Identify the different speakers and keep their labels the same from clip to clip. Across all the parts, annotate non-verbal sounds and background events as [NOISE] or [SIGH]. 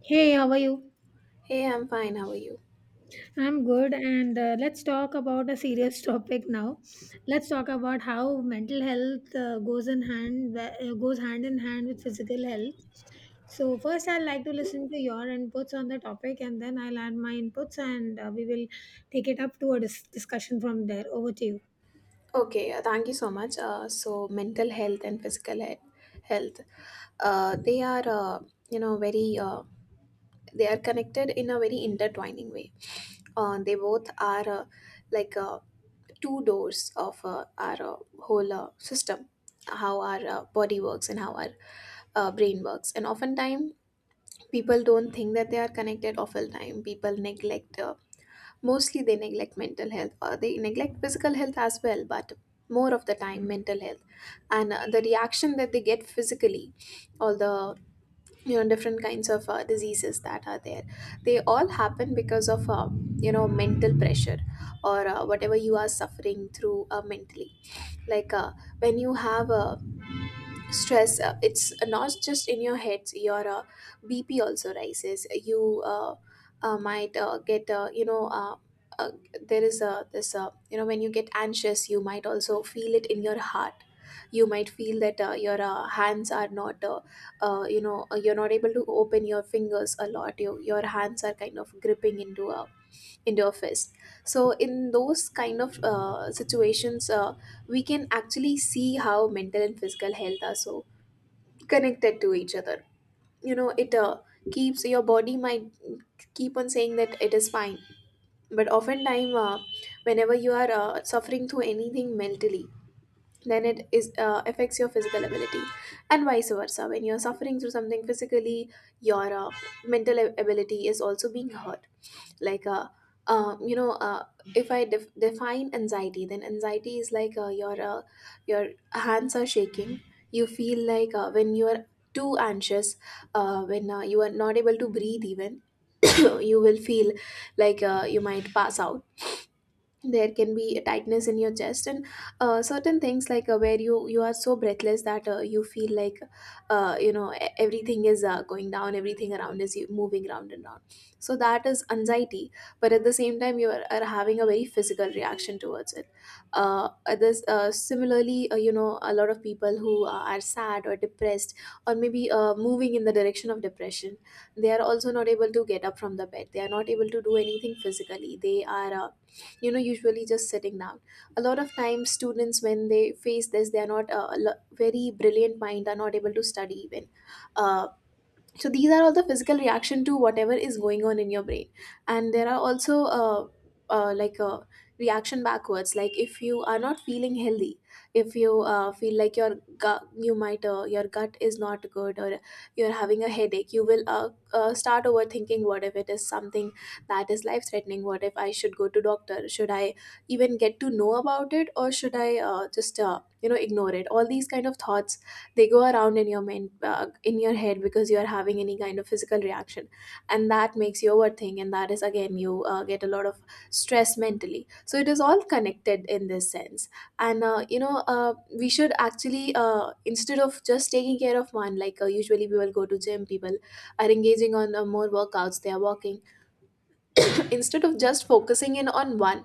Speaker 1: Hey, how are you?
Speaker 2: Hey, I'm fine. How are you?
Speaker 1: I'm good, and let's talk about a serious [LAUGHS] topic now. Let's talk about how mental health goes hand in hand with physical health. So first, I'd like to listen to your inputs on the topic, and then I'll add my inputs, and we will take it up to a discussion from there. Over to you.
Speaker 2: Okay, thank you so much. So, mental health and physical health, they are, very, they are connected in a very intertwining way. They both are like two doors of our whole system, how our body works, and how our brain works. And oftentimes, people don't think that they are connected. Oftentimes, people neglect, mostly they neglect mental health, or they neglect physical health as well, but more of the time, mental health, and the reaction that they get physically, all the different kinds of diseases that are there, they all happen because of mental pressure, or whatever you are suffering through mentally, like when you have a stress. It's not just in your heads, your BP also rises. You might get, you know uh, there is a this when you get anxious, you might also feel it in your heart. You might feel that your hands are not, you're not able to open your fingers a lot. You, your hands are kind of gripping into a fist. So in those kind of situations, we can actually see how mental and physical health are so connected to each other. It keeps, your body might keep on saying that it is fine, but oftentimes, whenever you are suffering through anything mentally, then it is affects your physical ability. And vice versa, when you're suffering through something physically, your mental ability is also being hurt. Like um, you know uh, if I define anxiety, then anxiety is like your hands are shaking. You feel like when you are too anxious, when you are not able to breathe even, [COUGHS] you will feel like you might pass out. There can be a tightness in your chest, and certain things like where you are so breathless that you feel like everything is going down, everything around is moving round and round. So that is anxiety, but at the same time you are having a very physical reaction towards it. Others similarly, a lot of people who are sad or depressed, or maybe moving in the direction of depression, they are also not able to get up from the bed, they are not able to do anything physically, they are usually just sitting down. A lot of times, students, when they face this, they are not very brilliant mind, are not able to study even. uh, so these are all the physical reaction to whatever is going on in your brain. And there are also like a reaction backwards, like if you are not feeling healthy, if you feel like your gut, you might, your gut is not good, or you're having a headache, you will start overthinking. What if it is something that is life threatening? What if I should go to doctor? Should I even get to know about it, or should I just ignore it? All these kind of thoughts, they go around in your main in your head, because you are having any kind of physical reaction, and that makes you overthink, and that is again, you get a lot of stress mentally. So it is all connected in this sense. And we should actually, instead of just taking care of one, like usually we will go to gym, people are engaging on more workouts, they are walking, [CLEARS THROAT] instead of just focusing in on one,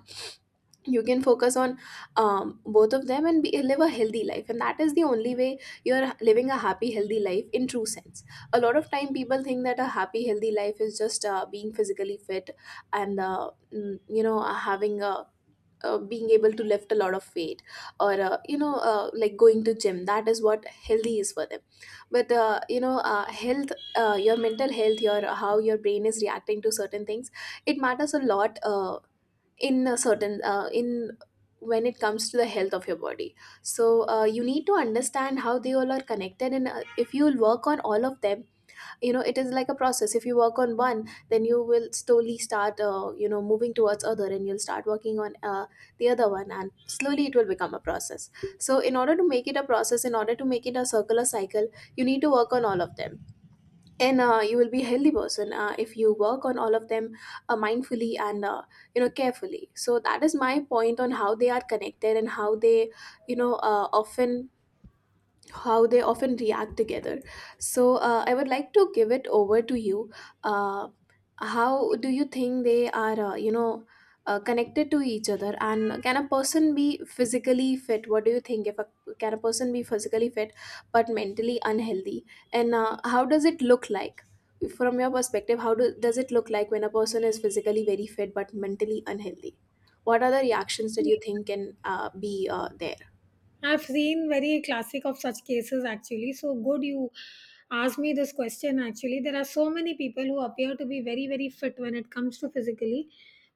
Speaker 2: you can focus on both of them, and live a healthy life. And that is the only way you're living a happy healthy life in true sense. A lot of time people think that a happy healthy life is just being physically fit, and having a, being able to lift a lot of weight, or like going to gym. That is what healthy is for them. But health, your mental health, your how your brain is reacting to certain things, it matters a lot, in a certain, in, when it comes to the health of your body. So you need to understand how they all are connected. And if you work on all of them, it is like a process. If you work on one, then you will slowly start moving towards other, and you'll start working on the other one. And slowly it will become a process. So in order to make it a process, in order to make it a circular cycle, you need to work on all of them. And you will be a healthy person if you work on all of them mindfully, and carefully. So that is my point on how they are connected, and how they, often how they often react together. So I would like to give it over to you. Uh, how do you think they are, connected to each other? And can a person be physically fit? What do you think? If a can a person be physically fit, but mentally unhealthy? And how does it look like? From your perspective, how does it look like when a person is physically very fit but mentally unhealthy? What are the reactions that you think can be there?
Speaker 1: I've seen very classic of such cases actually. So good you asked me this question actually. There are so many people who appear to be very, very fit when it comes to physically,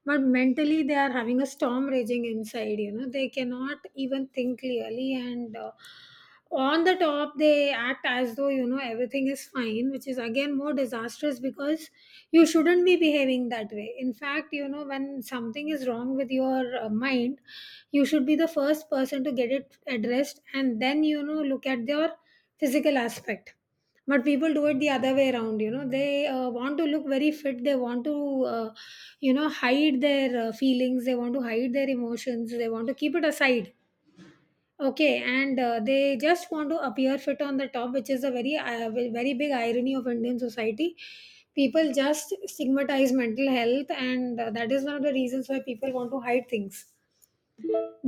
Speaker 1: but mentally they are having a storm raging inside. They cannot even think clearly, and on the top they act as though, everything is fine, which is again more disastrous because you shouldn't be behaving that way. In fact, when something is wrong with your mind, you should be the first person to get it addressed, and then look at their physical aspect. But people do it the other way around. They want to look very fit, they want to uh, hide their feelings, they want to hide their emotions, they want to keep it aside, okay, and they just want to appear fit on the top, which is a very big irony of Indian society. People just stigmatize mental health, and that is one of the reasons why people want to hide things.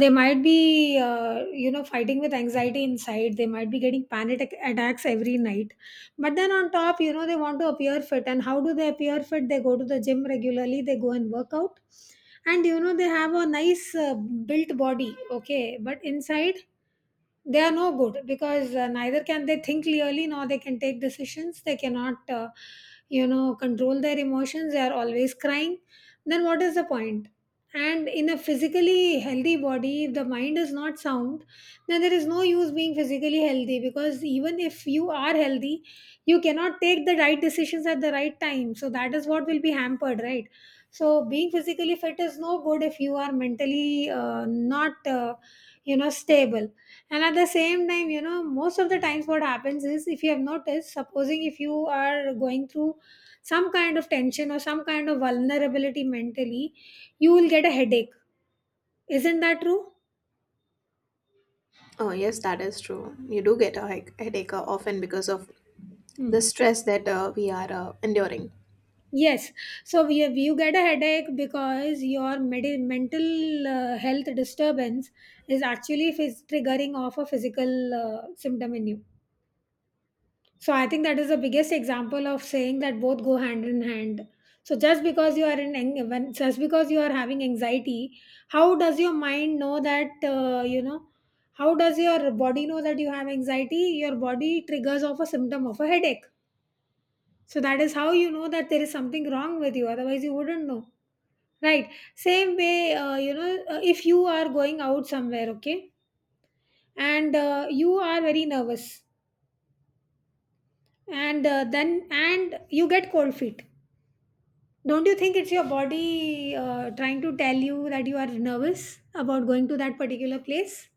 Speaker 1: They might be fighting with anxiety inside. They might be getting attacks every night. But then on top, they want to appear fit. And how do they appear fit? They go to the gym regularly, they go and work out, and they have a nice built body, okay? But inside they are no good, because neither can they think clearly, nor they can take decisions. They cannot control their emotions, they are always crying. Then what is the point? And in a physically healthy body, if the mind is not sound, then there is no use being physically healthy, because even if you are healthy, you cannot take the right decisions at the right time. So that is what will be hampered, right? So being physically fit is no good if you are mentally not stable. And at the same time, you know, most of the times what happens is, if you have noticed, supposing if you are going through some kind of tension or some kind of vulnerability mentally, you will get a headache. Isn't that true?
Speaker 2: Oh, yes, that is true. You do get a headache often, because of the
Speaker 1: Hmm.
Speaker 2: stress that we are enduring.
Speaker 1: Yes. You get a headache because your mental health disturbance is actually triggering off a physical symptom in you. So I think that is the biggest example of saying that both go hand in hand. So just because you are having anxiety, how does your mind know that? How does your body know that you have anxiety? Your body triggers off a symptom of a headache. So that is how you know that there is something wrong with you. Otherwise, you wouldn't know, right? Same way, if you are going out somewhere, okay, and you are very nervous, and then and you get cold feet. Don't you think it's your body trying to tell you that you are nervous about going to that particular place?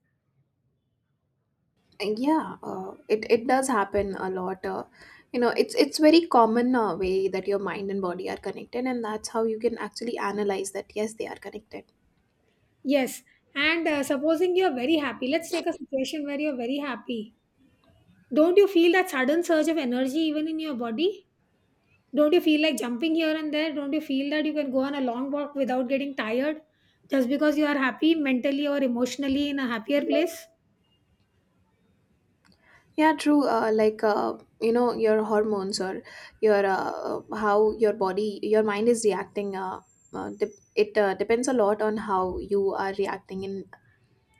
Speaker 2: And yeah, it does happen a lot. It's very common way that your mind and body are connected, and that's how you can actually analyze that. Yes, they are connected.
Speaker 1: Yes. And supposing you are very happy, let's take a situation where you are very happy. Don't you feel that sudden surge of energy even in your body? Don't you feel like jumping here and there? Don't you feel that you can go on a long walk without getting tired, just because you are happy mentally or emotionally in a happier place?
Speaker 2: Yeah, true. Like your hormones, or your, how your body, your mind is reacting. Dep it depends a lot on how you are reacting in,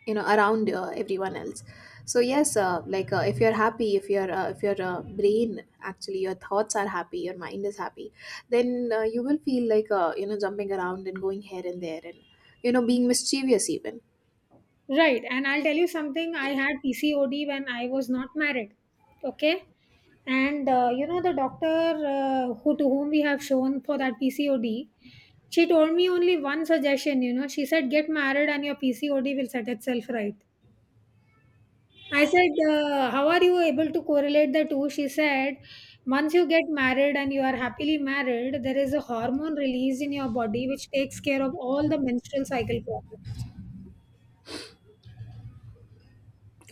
Speaker 2: around everyone else. So yes, like if you're happy, if your brain, actually your thoughts are happy, your mind is happy, then you will feel like jumping around and going here and there, and being mischievous even.
Speaker 1: Right. And I'll tell you something. I had PCOD when I was not married. Okay, and the doctor who, to whom we have shown for that pcod, she told me only one suggestion. She said, get married and your pcod will set itself right. I said, how are you able to correlate the two? She said, once you get married and you are happily married, there is a hormone released in your body which takes care of all the menstrual cycle problems.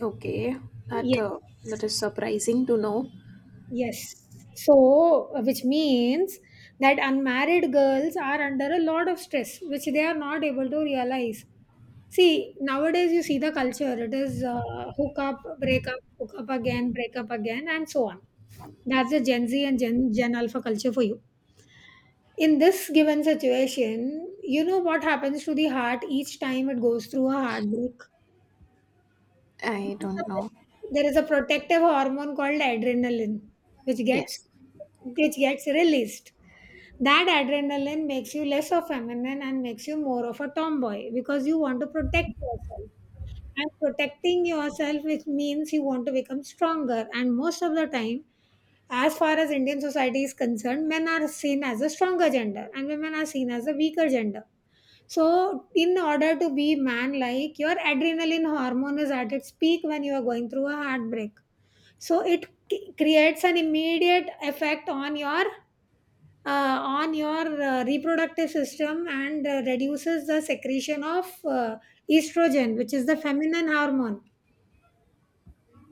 Speaker 2: Okay. That
Speaker 1: Yes.
Speaker 2: that is surprising to know.
Speaker 1: Yes. So, which means that unmarried girls are under a lot of stress, which they are not able to realize. See, nowadays you see the culture. It is hook up, break up, hook up again, break up again, and so on. That's the Gen Z and Gen Alpha culture for you. In this given situation, you know what happens to the heart each time it goes through a heartbreak?
Speaker 2: I don't know.
Speaker 1: There is a protective hormone called adrenaline, which
Speaker 2: Yes.
Speaker 1: gets which gets released. That adrenaline makes you less of feminine and makes you more of a tomboy, because you want to protect yourself. And protecting yourself, which means you want to become stronger. And most of the time, as far as Indian society is concerned, men are seen as a stronger gender and women are seen as a weaker gender. So, in order to be man like, your adrenaline hormone is at its peak when you are going through a heartbreak. So, it creates an immediate effect on your reproductive system, and reduces the secretion of estrogen, which is the feminine hormone,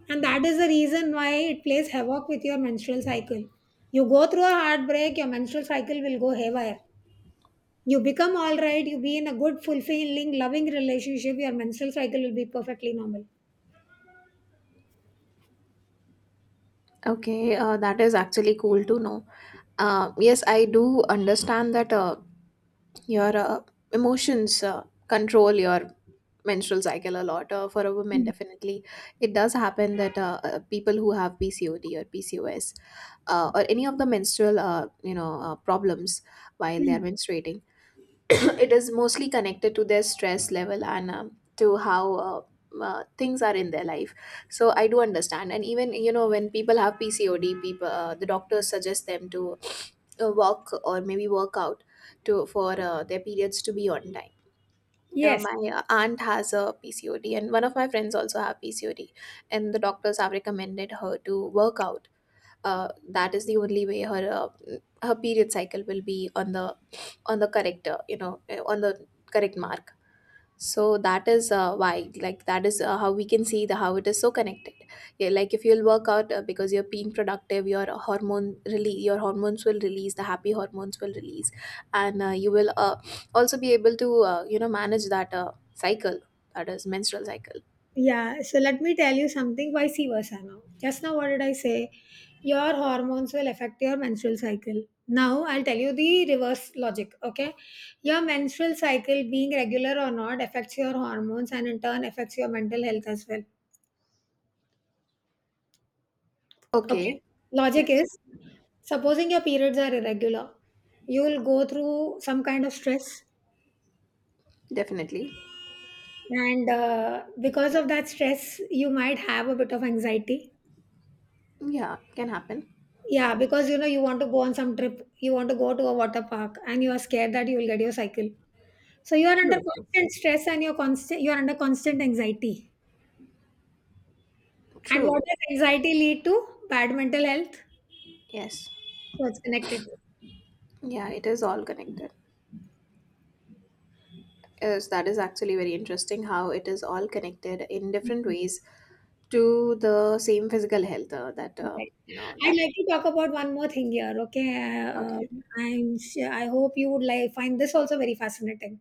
Speaker 1: and that is the reason why it plays havoc with your menstrual cycle. You go through a heartbreak, your menstrual cycle will go haywire. You become all right, you be in a good, fulfilling, loving relationship, your menstrual cycle will be perfectly normal.
Speaker 2: Okay, that is actually cool to know. Yes, I do understand that your emotions control your menstrual cycle a lot, for a woman,
Speaker 1: Mm,
Speaker 2: definitely. It does happen that people who have PCOD or PCOS, or any of the menstrual problems while they are
Speaker 1: mm.
Speaker 2: menstruating. [COUGHS] [CLEARS THROAT] It is mostly connected to their stress level, and to how things are in their life. So I do understand. And even when people have PCOD, people, the doctors suggest them to walk or maybe work out, to, for their periods to be on time.
Speaker 1: Yes.
Speaker 2: My aunt has a PCOD, and one of my friends also have PCOD, and the doctors have recommended her to work out. That is the only way her period cycle will be on the, correct, on the correct mark. So that is why, like that is how we can see the, how it is so connected. Yeah, like if you'll work out, because you're being productive, your hormones will release, the happy hormones will release, and you will also be able to manage that cycle, that is menstrual cycle.
Speaker 1: Yeah. So let me tell you something vice versa now. Just now, what did I say? Your hormones will affect your menstrual cycle. Now, I'll tell you the reverse logic. Okay. Your menstrual cycle, being regular or not, affects your hormones and in turn affects your mental health as well. Okay.
Speaker 2: Okay.
Speaker 1: Logic
Speaker 2: Yes.
Speaker 1: is, supposing your periods are irregular, you will go through some kind of stress,
Speaker 2: Definitely.
Speaker 1: and because of that stress you might have a bit of anxiety.
Speaker 2: Yeah, can happen.
Speaker 1: Yeah, because you want to go on some trip, you want to go to a water park and you are scared that you will get your cycle. So you are under
Speaker 2: True, true.
Speaker 1: constant stress, and you are under constant anxiety. And what does anxiety lead to? Bad mental health.
Speaker 2: Yes.
Speaker 1: So it's connected.
Speaker 2: Yeah, it is all connected. Yes, that is actually very interesting how it is all connected in different
Speaker 1: Mm-hmm.
Speaker 2: ways to the same physical health that
Speaker 1: Right.
Speaker 2: you know
Speaker 1: I'd
Speaker 2: that.
Speaker 1: like to talk about one more thing here, okay?
Speaker 2: Okay,
Speaker 1: I'm sure, I hope you would like find this also very fascinating.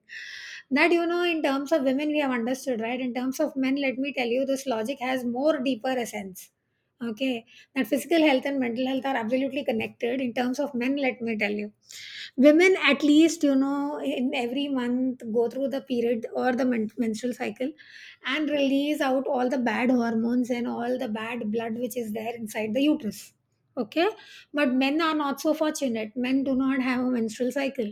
Speaker 1: That you know, in terms of women, we have understood, right? In terms of men, let me tell you, this logic has more deeper essence. Okay, that physical health and mental health are absolutely connected. In terms of men, let me tell you, women at least in every month go through the period or the menstrual cycle, and release out all the bad hormones and all the bad blood which is there inside the uterus. Okay, but men are not so fortunate, men do not have a menstrual cycle.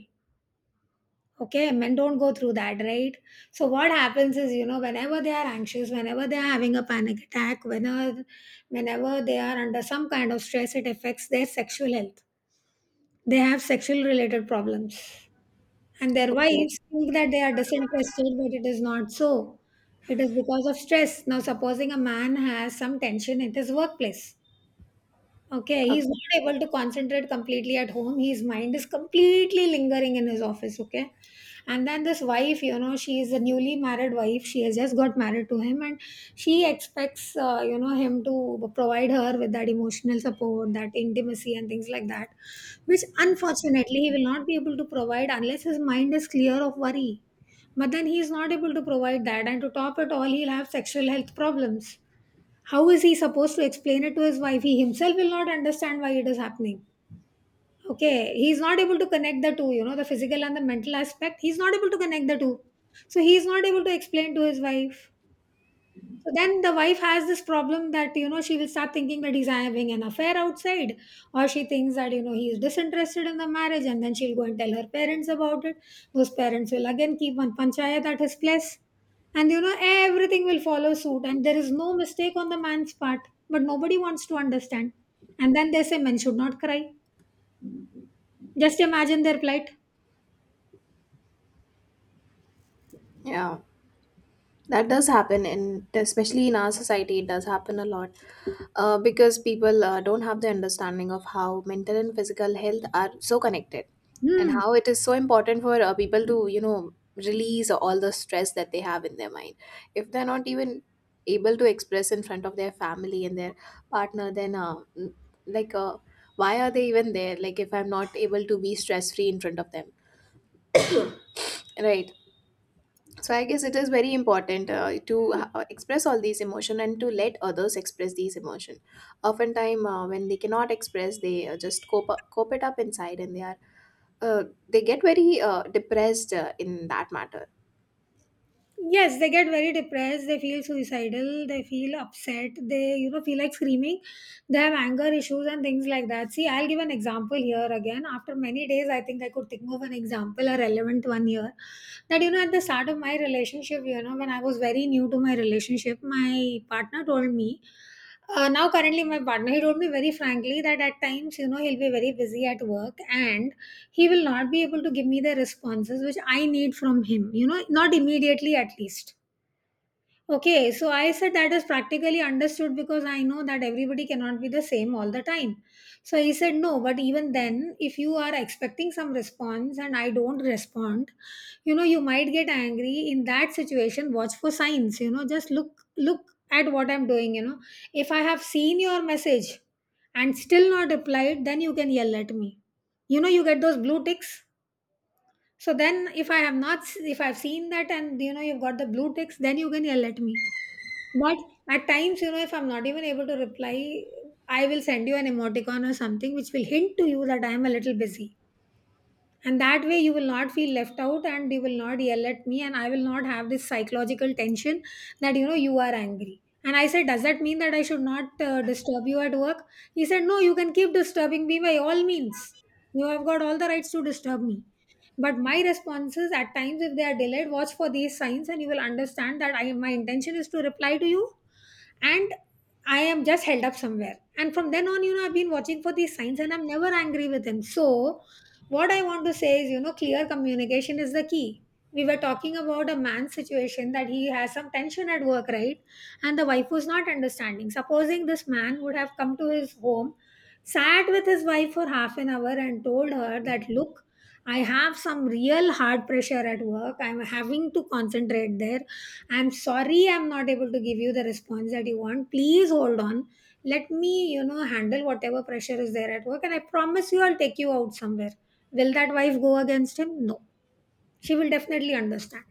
Speaker 1: Okay, men don't go through that, right? So, what happens is, you know, whenever they are anxious, whenever they are having a panic attack, whenever they are under some kind of stress, it affects their sexual health. They have sexual related problems, and their
Speaker 2: okay,
Speaker 1: wives think that they are disinterested, but it is not so. It is because of stress. Now, supposing a man has some tension in his workplace, okay, he's
Speaker 2: okay,
Speaker 1: not able to concentrate completely at home. His mind is completely lingering in his office, okay? And then this wife, you know, she is a newly married wife. She has just got married to him, and she expects, him to provide her with that emotional support, that intimacy, and things like that, which unfortunately he will not be able to provide unless his mind is clear of worry. But then he is not able to provide that. And to top it all, he'll have sexual health problems. How is he supposed to explain it to his wife? He himself will not understand why it is happening. Okay, he's not able to connect the two, you know, the physical and the mental aspect. He's not able to connect the two. So he's not able to explain to his wife. So then the wife has this problem that, you know, she will start thinking that he's having an affair outside, or she thinks that, you know, he is disinterested in the marriage, and then she'll go and tell her parents about it. Those parents will again keep one panchayat at his place. And, you know, everything will follow suit, and there is no mistake on the man's part, but nobody wants to understand. And then they say men should not cry. Just imagine their plight.
Speaker 2: yeah, that does happen, and especially in our society it does happen a lot, because people don't have the understanding of how mental and physical health are so connected, and
Speaker 1: Hmm.
Speaker 2: how it is so important for people to you know release all the stress that they have in their mind. If they're not even able to express in front of their family and their partner, then like uh, why are they even there? Like, if I'm not able to be stress free in front of them, right? So I guess it is very important to express all these emotion and to let others express these emotion. Oftentimes when they cannot express, they just cope, up, cope it up inside, and they are they get very depressed in that matter.
Speaker 1: Yes, they get very depressed, they feel suicidal, they feel upset, they, you know, feel like screaming. They have anger issues and things like that. See, I'll give an example here again. After many days, I think I could think of an example, a relevant one here. That, you know, at the start of my relationship, you know, when I was very new to my relationship, my partner told me, now, currently, my partner, he told me very frankly that at times, you know, he'll be very busy at work and he will not be able to give me the responses which I need from him, you know, not immediately at least. Okay, so I said that is practically understood because I know that everybody cannot be the same all the time. So he said, no, but even then, if you are expecting some response and I don't respond, you know, you might get angry. In that situation, watch for signs, you know, just look at what I'm doing, you know. If I have seen your message and still not replied, then you can yell at me. You know, you get those blue ticks. So then, if I've seen that and you know, you've got the blue ticks, then you can yell at me, but at times, you know, if I'm not even able to reply, I will send you an emoticon or something which will hint to you that I am a little busy. And that way, you will not feel left out and you will not yell at me. And I will not have this psychological tension that, you know, you are angry. And I said, does that mean that I should not disturb you at work? He said, no, you can keep disturbing me by all means. You have got all the rights to disturb me. But my responses at times, if they are delayed, watch for these signs and you will understand that my intention is to reply to you, and I am just held up somewhere. And from then on, you know, I've been watching for these signs and I'm never angry with him. So, what I want to say is, you know, clear communication is the key. We were talking about a man's situation that he has some tension at work, right? And the wife was not understanding. Supposing this man would have come to his home, sat with his wife for half an hour and told her that, look, I have some real hard pressure at work. I'm having to concentrate there. I'm sorry I'm not able to give you the response that you want. Please hold on. Let me, you know, handle whatever pressure is there at work. And I promise you, I'll take you out somewhere. Will that wife go against him? No. She will definitely understand.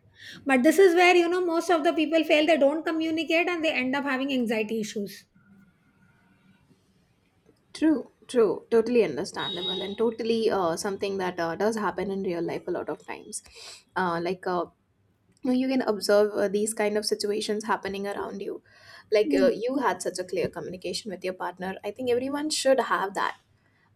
Speaker 1: But this is where, you know, most of the people fail. They don't communicate and they end up having anxiety issues.
Speaker 2: True, true, totally understandable, and totally something that does happen in real life a lot of times. uh, like uh, you know, you can observe these kind of situations happening around you.
Speaker 1: Mm.
Speaker 2: You had such a clear communication with your partner. I think everyone should have that.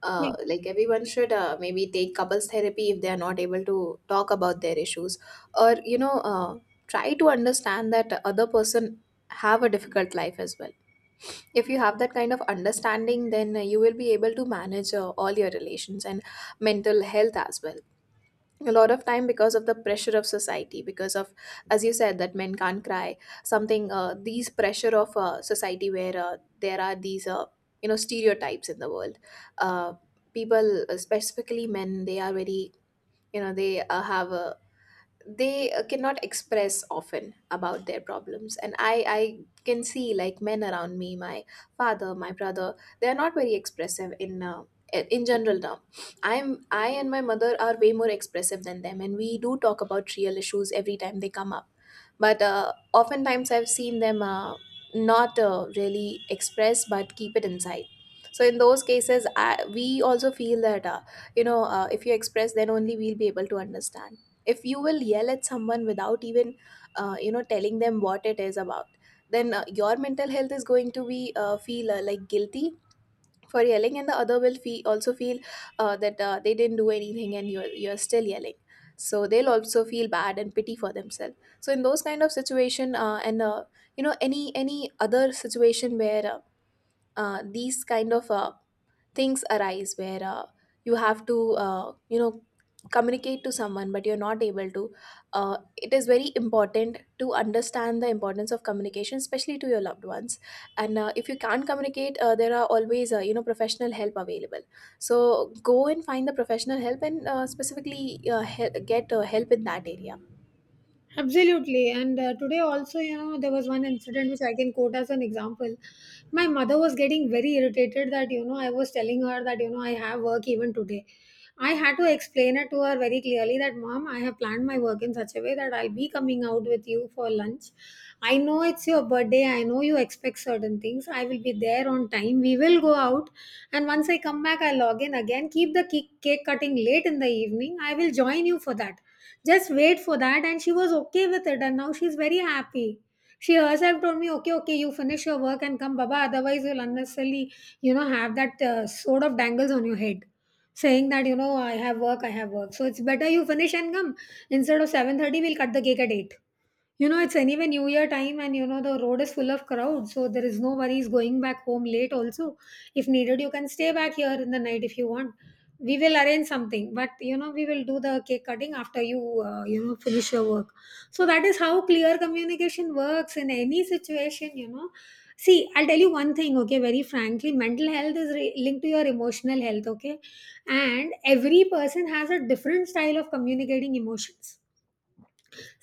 Speaker 2: Like everyone should maybe take couples therapy if they are not able to talk about their issues, or you know, try to understand that other person have a difficult life as well. If you have that kind of understanding, then you will be able to manage all your relations and mental health as well. A lot of time because of the pressure of society, because of, as you said, that men can't cry, something, these pressure of society, where there are these you know stereotypes in the world, uh, people, specifically men, they are very, you know, they have a they cannot express often about their problems. And I can see like men around me, my father, my brother, they are not very expressive in general term. I'm I and my mother are way more expressive than them, and we do talk about real issues every time they come up. But oftentimes I've seen them not really express but keep it inside. So in those cases we also feel that you know if you express then only we'll be able to understand. If you will yell at someone without even you know telling them what it is about, then your mental health is going to be feel like guilty for yelling, and the other will feel also feel that they didn't do anything and you're still yelling. So they'll also feel bad and pity for themselves. So in those kind of situation and you know, any other situation where these kind of things arise where you have to you know communicate to someone but you're not able to, it is very important to understand the importance of communication, especially to your loved ones. And if you can't communicate, there are always you know professional help available. So go and find the professional help, and specifically get help in that area.
Speaker 1: Absolutely. And today also, you know, there was one incident which I can quote as an example. My mother was getting very irritated that, you know, I was telling her that, you know, I have work even today. I had to explain it to her very clearly that, mom, I have planned my work in such a way that I'll be coming out with you for lunch. I know it's your birthday. I know you expect certain things. I will be there on time. We will go out. And once I come back, I log in again. Keep the cake cutting late in the evening. I will join you for that, just wait for that. And she was okay with it and now she's very happy. She herself told me, okay, okay, you finish your work and come, baba, otherwise you'll unnecessarily, you know, have that sort of dangles on your head, saying that, you know, I have work, I have work, so it's better you finish and come. Instead of 7:30, we'll cut the cake at 8. You know, it's anyway New Year time, and you know, the road is full of crowd, so there is no worries going back home late also. If needed, you can stay back here in the night if you want. We will arrange something, but you know, we will do the cake cutting after you, you know, finish your work. So that is how clear communication works in any situation, you know. See, I'll tell you one thing, okay, very frankly, mental health is re- linked to your emotional health, okay, and every person has a different style of communicating emotions.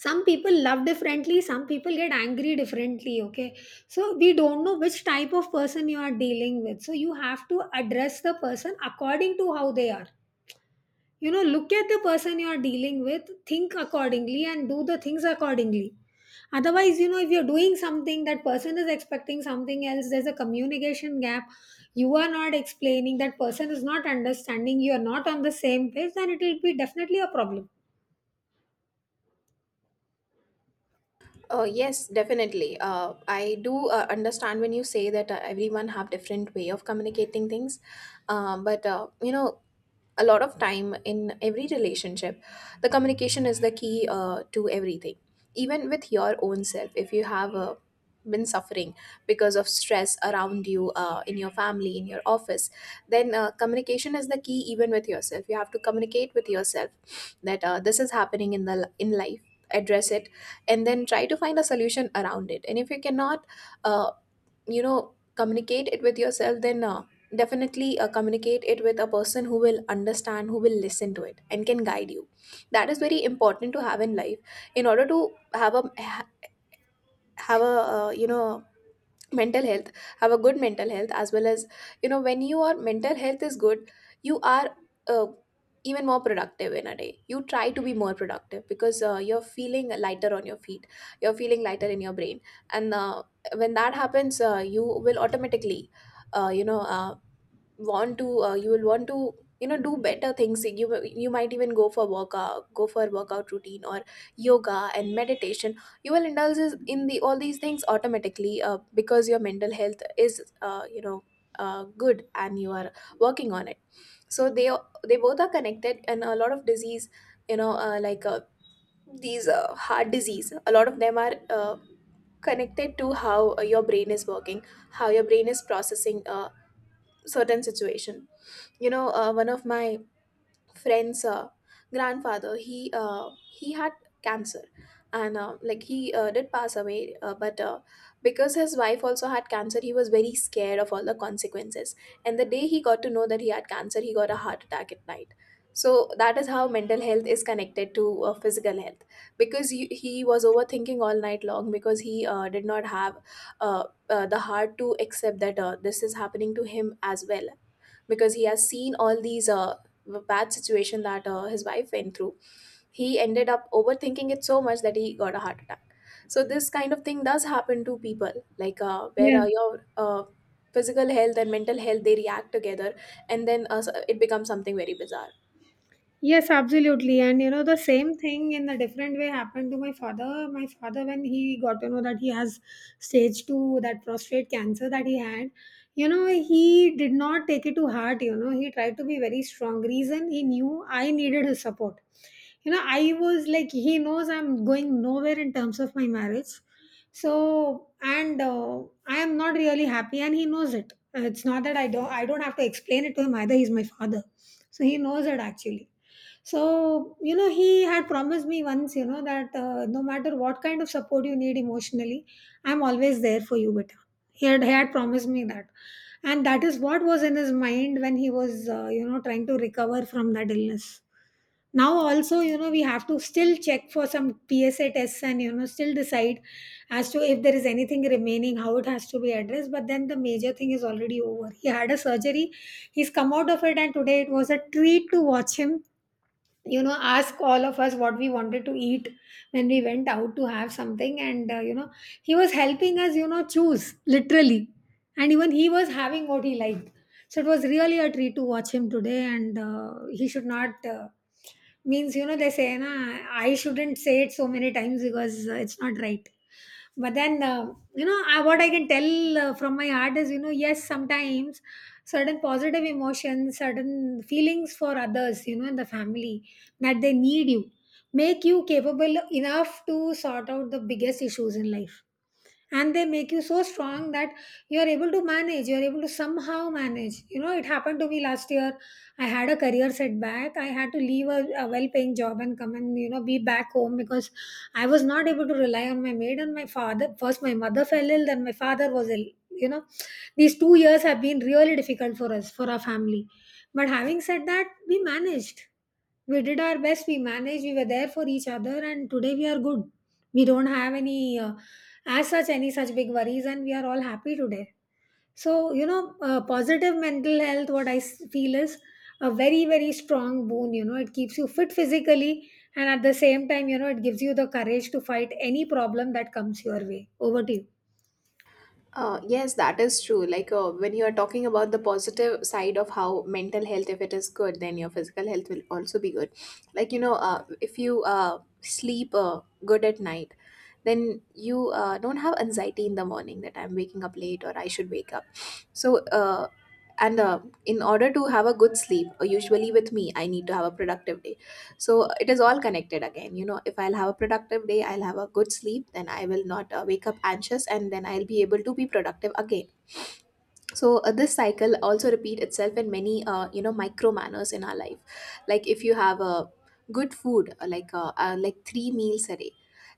Speaker 1: Some people love differently, some people get angry differently, okay. So we don't know which type of person you are dealing with, so you have to address the person according to how they are. You know, look at the person you are dealing with, think accordingly and do the things accordingly. Otherwise, you know, if you're doing something, that person is expecting something else, there's a communication gap. You are not explaining, that person is not understanding, you are not on the same page, then it will be definitely a problem.
Speaker 2: Yes, definitely. I do understand when you say that everyone have different way of communicating things. But you know, a lot of time in every relationship, the communication is the key to everything. Even with your own self, if you have been suffering because of stress around you, in your family, in your office, then communication is the key. Even with yourself, you have to communicate with yourself that this is happening in the in life. Address it and then try to find a solution around it, and if you cannot uh, you know communicate it with yourself, then definitely communicate it with a person who will understand, who will listen to it and can guide you. That is very important to have in life, in order to have a you know mental health, have a good mental health, as well as, you know, when your mental health is good, you are uh, even more productive in a day. You try to be more productive because you're feeling lighter on your feet, you're feeling lighter in your brain. And when that happens, you will automatically you know want to you will want to, you know, do better things. You might even go for workout, go for workout routine, or yoga and meditation. You will indulge in the all these things automatically, because your mental health is you know good and you are working on it. So they both are connected, and a lot of disease, you know, these heart disease, a lot of them are connected to how your brain is working, how your brain is processing a certain situation. You know, one of my friend's grandfather, he had cancer, and he did pass away, but because his wife also had cancer, he was very scared of all the consequences. And the day he got to know that he had cancer, he got a heart attack at night. So that is how mental health is connected to physical health, because he was overthinking all night long, because he did not have uh, the heart to accept that this is happening to him as well. Because he has seen all these bad situation that his wife went through, he ended up overthinking it so much that he got a heart attack. So this kind of thing does happen to people, where
Speaker 1: Yeah.
Speaker 2: your physical health and mental health, they react together, and then it becomes something very bizarre.
Speaker 1: Yes, absolutely. And you know, the same thing in a different way happened to my father. My father, when he got to know that he has stage two, that prostate cancer that he had, you know, he did not take it to heart. You know, he tried to be very strong. Reason, he knew I needed his support. You know, I was like, he knows I'm going nowhere in terms of my marriage. So, and I am not really happy, and he knows it. It's not that I don't have to explain it to him either. He's my father, so he knows it actually. So, you know, he had promised me once, you know, that no matter what kind of support you need emotionally, I'm always there for you, beta. He had promised me that. And that is what was in his mind when he was, you know, trying to recover from that illness. Now, also, you know, we have to still check for some PSA tests and, you know, still decide as to if there is anything remaining, how it has to be addressed. But then the major thing is already over. He had a surgery, he's come out of it, and today it was a treat to watch him, you know, ask all of us what we wanted to eat when we went out to have something. And you know, he was helping us, you know, choose literally, and even he was having what he liked. So it was really a treat to watch him today. And he should not means, you know, they say na, I shouldn't say it so many times because it's not right. But then, you know, what I can tell from my heart is, you know, yes, sometimes certain positive emotions, certain feelings for others, you know, in the family, that they need you, make you capable enough to sort out the biggest issues in life. And they make you so strong that you are able to manage, you are able to somehow manage. You know, it happened to me last year. I had a career setback. I had to leave a well-paying job and come and, you know, be back home because I was not able to rely on my maid and my father. First my mother fell ill, then my father was ill, you know. These 2 years have been really difficult for us, for our family. But having said that, we managed. We did our best, we managed, we were there for each other, and today we are good. We don't have any as such, any such big worries, and we are all happy today. So you know, positive mental health, what I s- feel is a very, very strong boon. You know, it keeps you fit physically, and at the same time, you know, it gives you the courage to fight any problem that comes your way. Over to you.
Speaker 2: Yes, that is true. Like, when you are talking about the positive side of how mental health, if it is good, then your physical health will also be good. Like, you know, if you sleep good at night, then you don't have anxiety in the morning that I'm waking up late or I should wake up. So, and in order to have a good sleep, usually with me, I need to have a productive day. So it is all connected again. You know, if I'll have a productive day, I'll have a good sleep, then I will not wake up anxious, and then I'll be able to be productive again. So this cycle also repeat itself in many you know micro manners in our life. Like, if you have a good food, like three meals a day,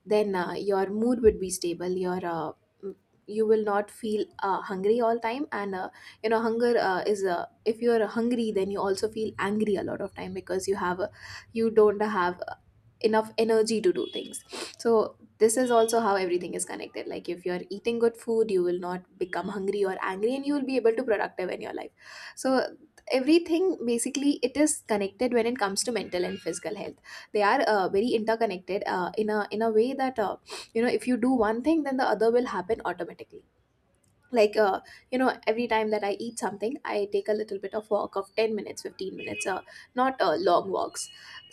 Speaker 2: then your mood would be stable, your m- you will not feel hungry all time. And you know hunger is if you are hungry, then you also feel angry a lot of time, because you have you don't have enough energy to do things. So this is also how everything is connected. Like, if you're eating good food, you will not become hungry or angry, and you will be able to productive in your life. So everything basically it is connected when it comes to mental and physical health. They are very interconnected in a way that you know if you do one thing then the other will happen automatically. like uh, you know, every time that I eat something, I take a little bit of walk of 10 minutes, 15 minutes, not long walks.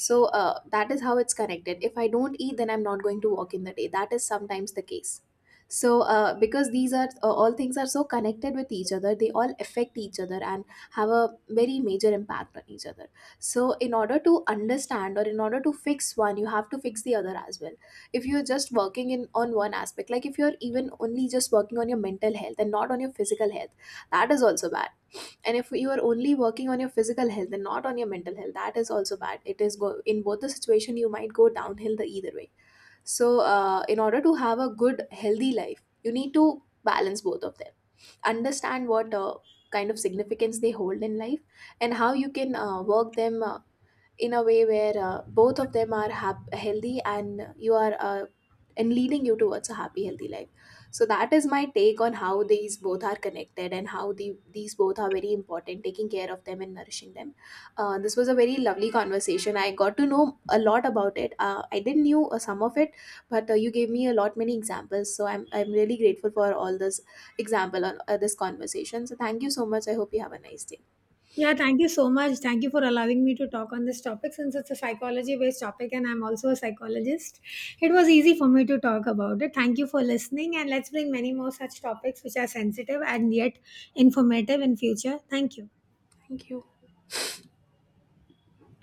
Speaker 2: So that is how it's connected. If I don't eat, then I'm not going to walk in the day. That is sometimes the case. So because these are all things are so connected with each other, they all affect each other and have a very major impact on each other. So in order to understand, or in order to fix one, you have to fix the other as well. If you're just working in on one aspect, like if you're even only just working on your mental health and not on your physical health, that is also bad. And if you are only working on your physical health and not on your mental health, that is also bad. It is go in both the situation, you might go downhill the either way. So in order to have a good healthy life, you need to balance both of them, understand what kind of significance they hold in life, and how you can work them in a way where both of them are healthy and you are and leading you towards a happy healthy life. So that is my take on how these both are connected, and how these both are very important, taking care of them and nourishing them. This was a very lovely conversation. I got to know a lot about it, I didn't knew some of it, but you gave me a lot many examples, so I'm really grateful for all this example on this conversation. So thank you so much, I hope you have a nice day.
Speaker 1: Yeah, thank you so much. Thank you for allowing me to talk on this topic since it's a psychology based topic and I'm also a psychologist. It was easy for me to talk about it. Thank you for listening and let's bring many more such topics which are sensitive and yet informative in future. Thank you.
Speaker 2: Thank you.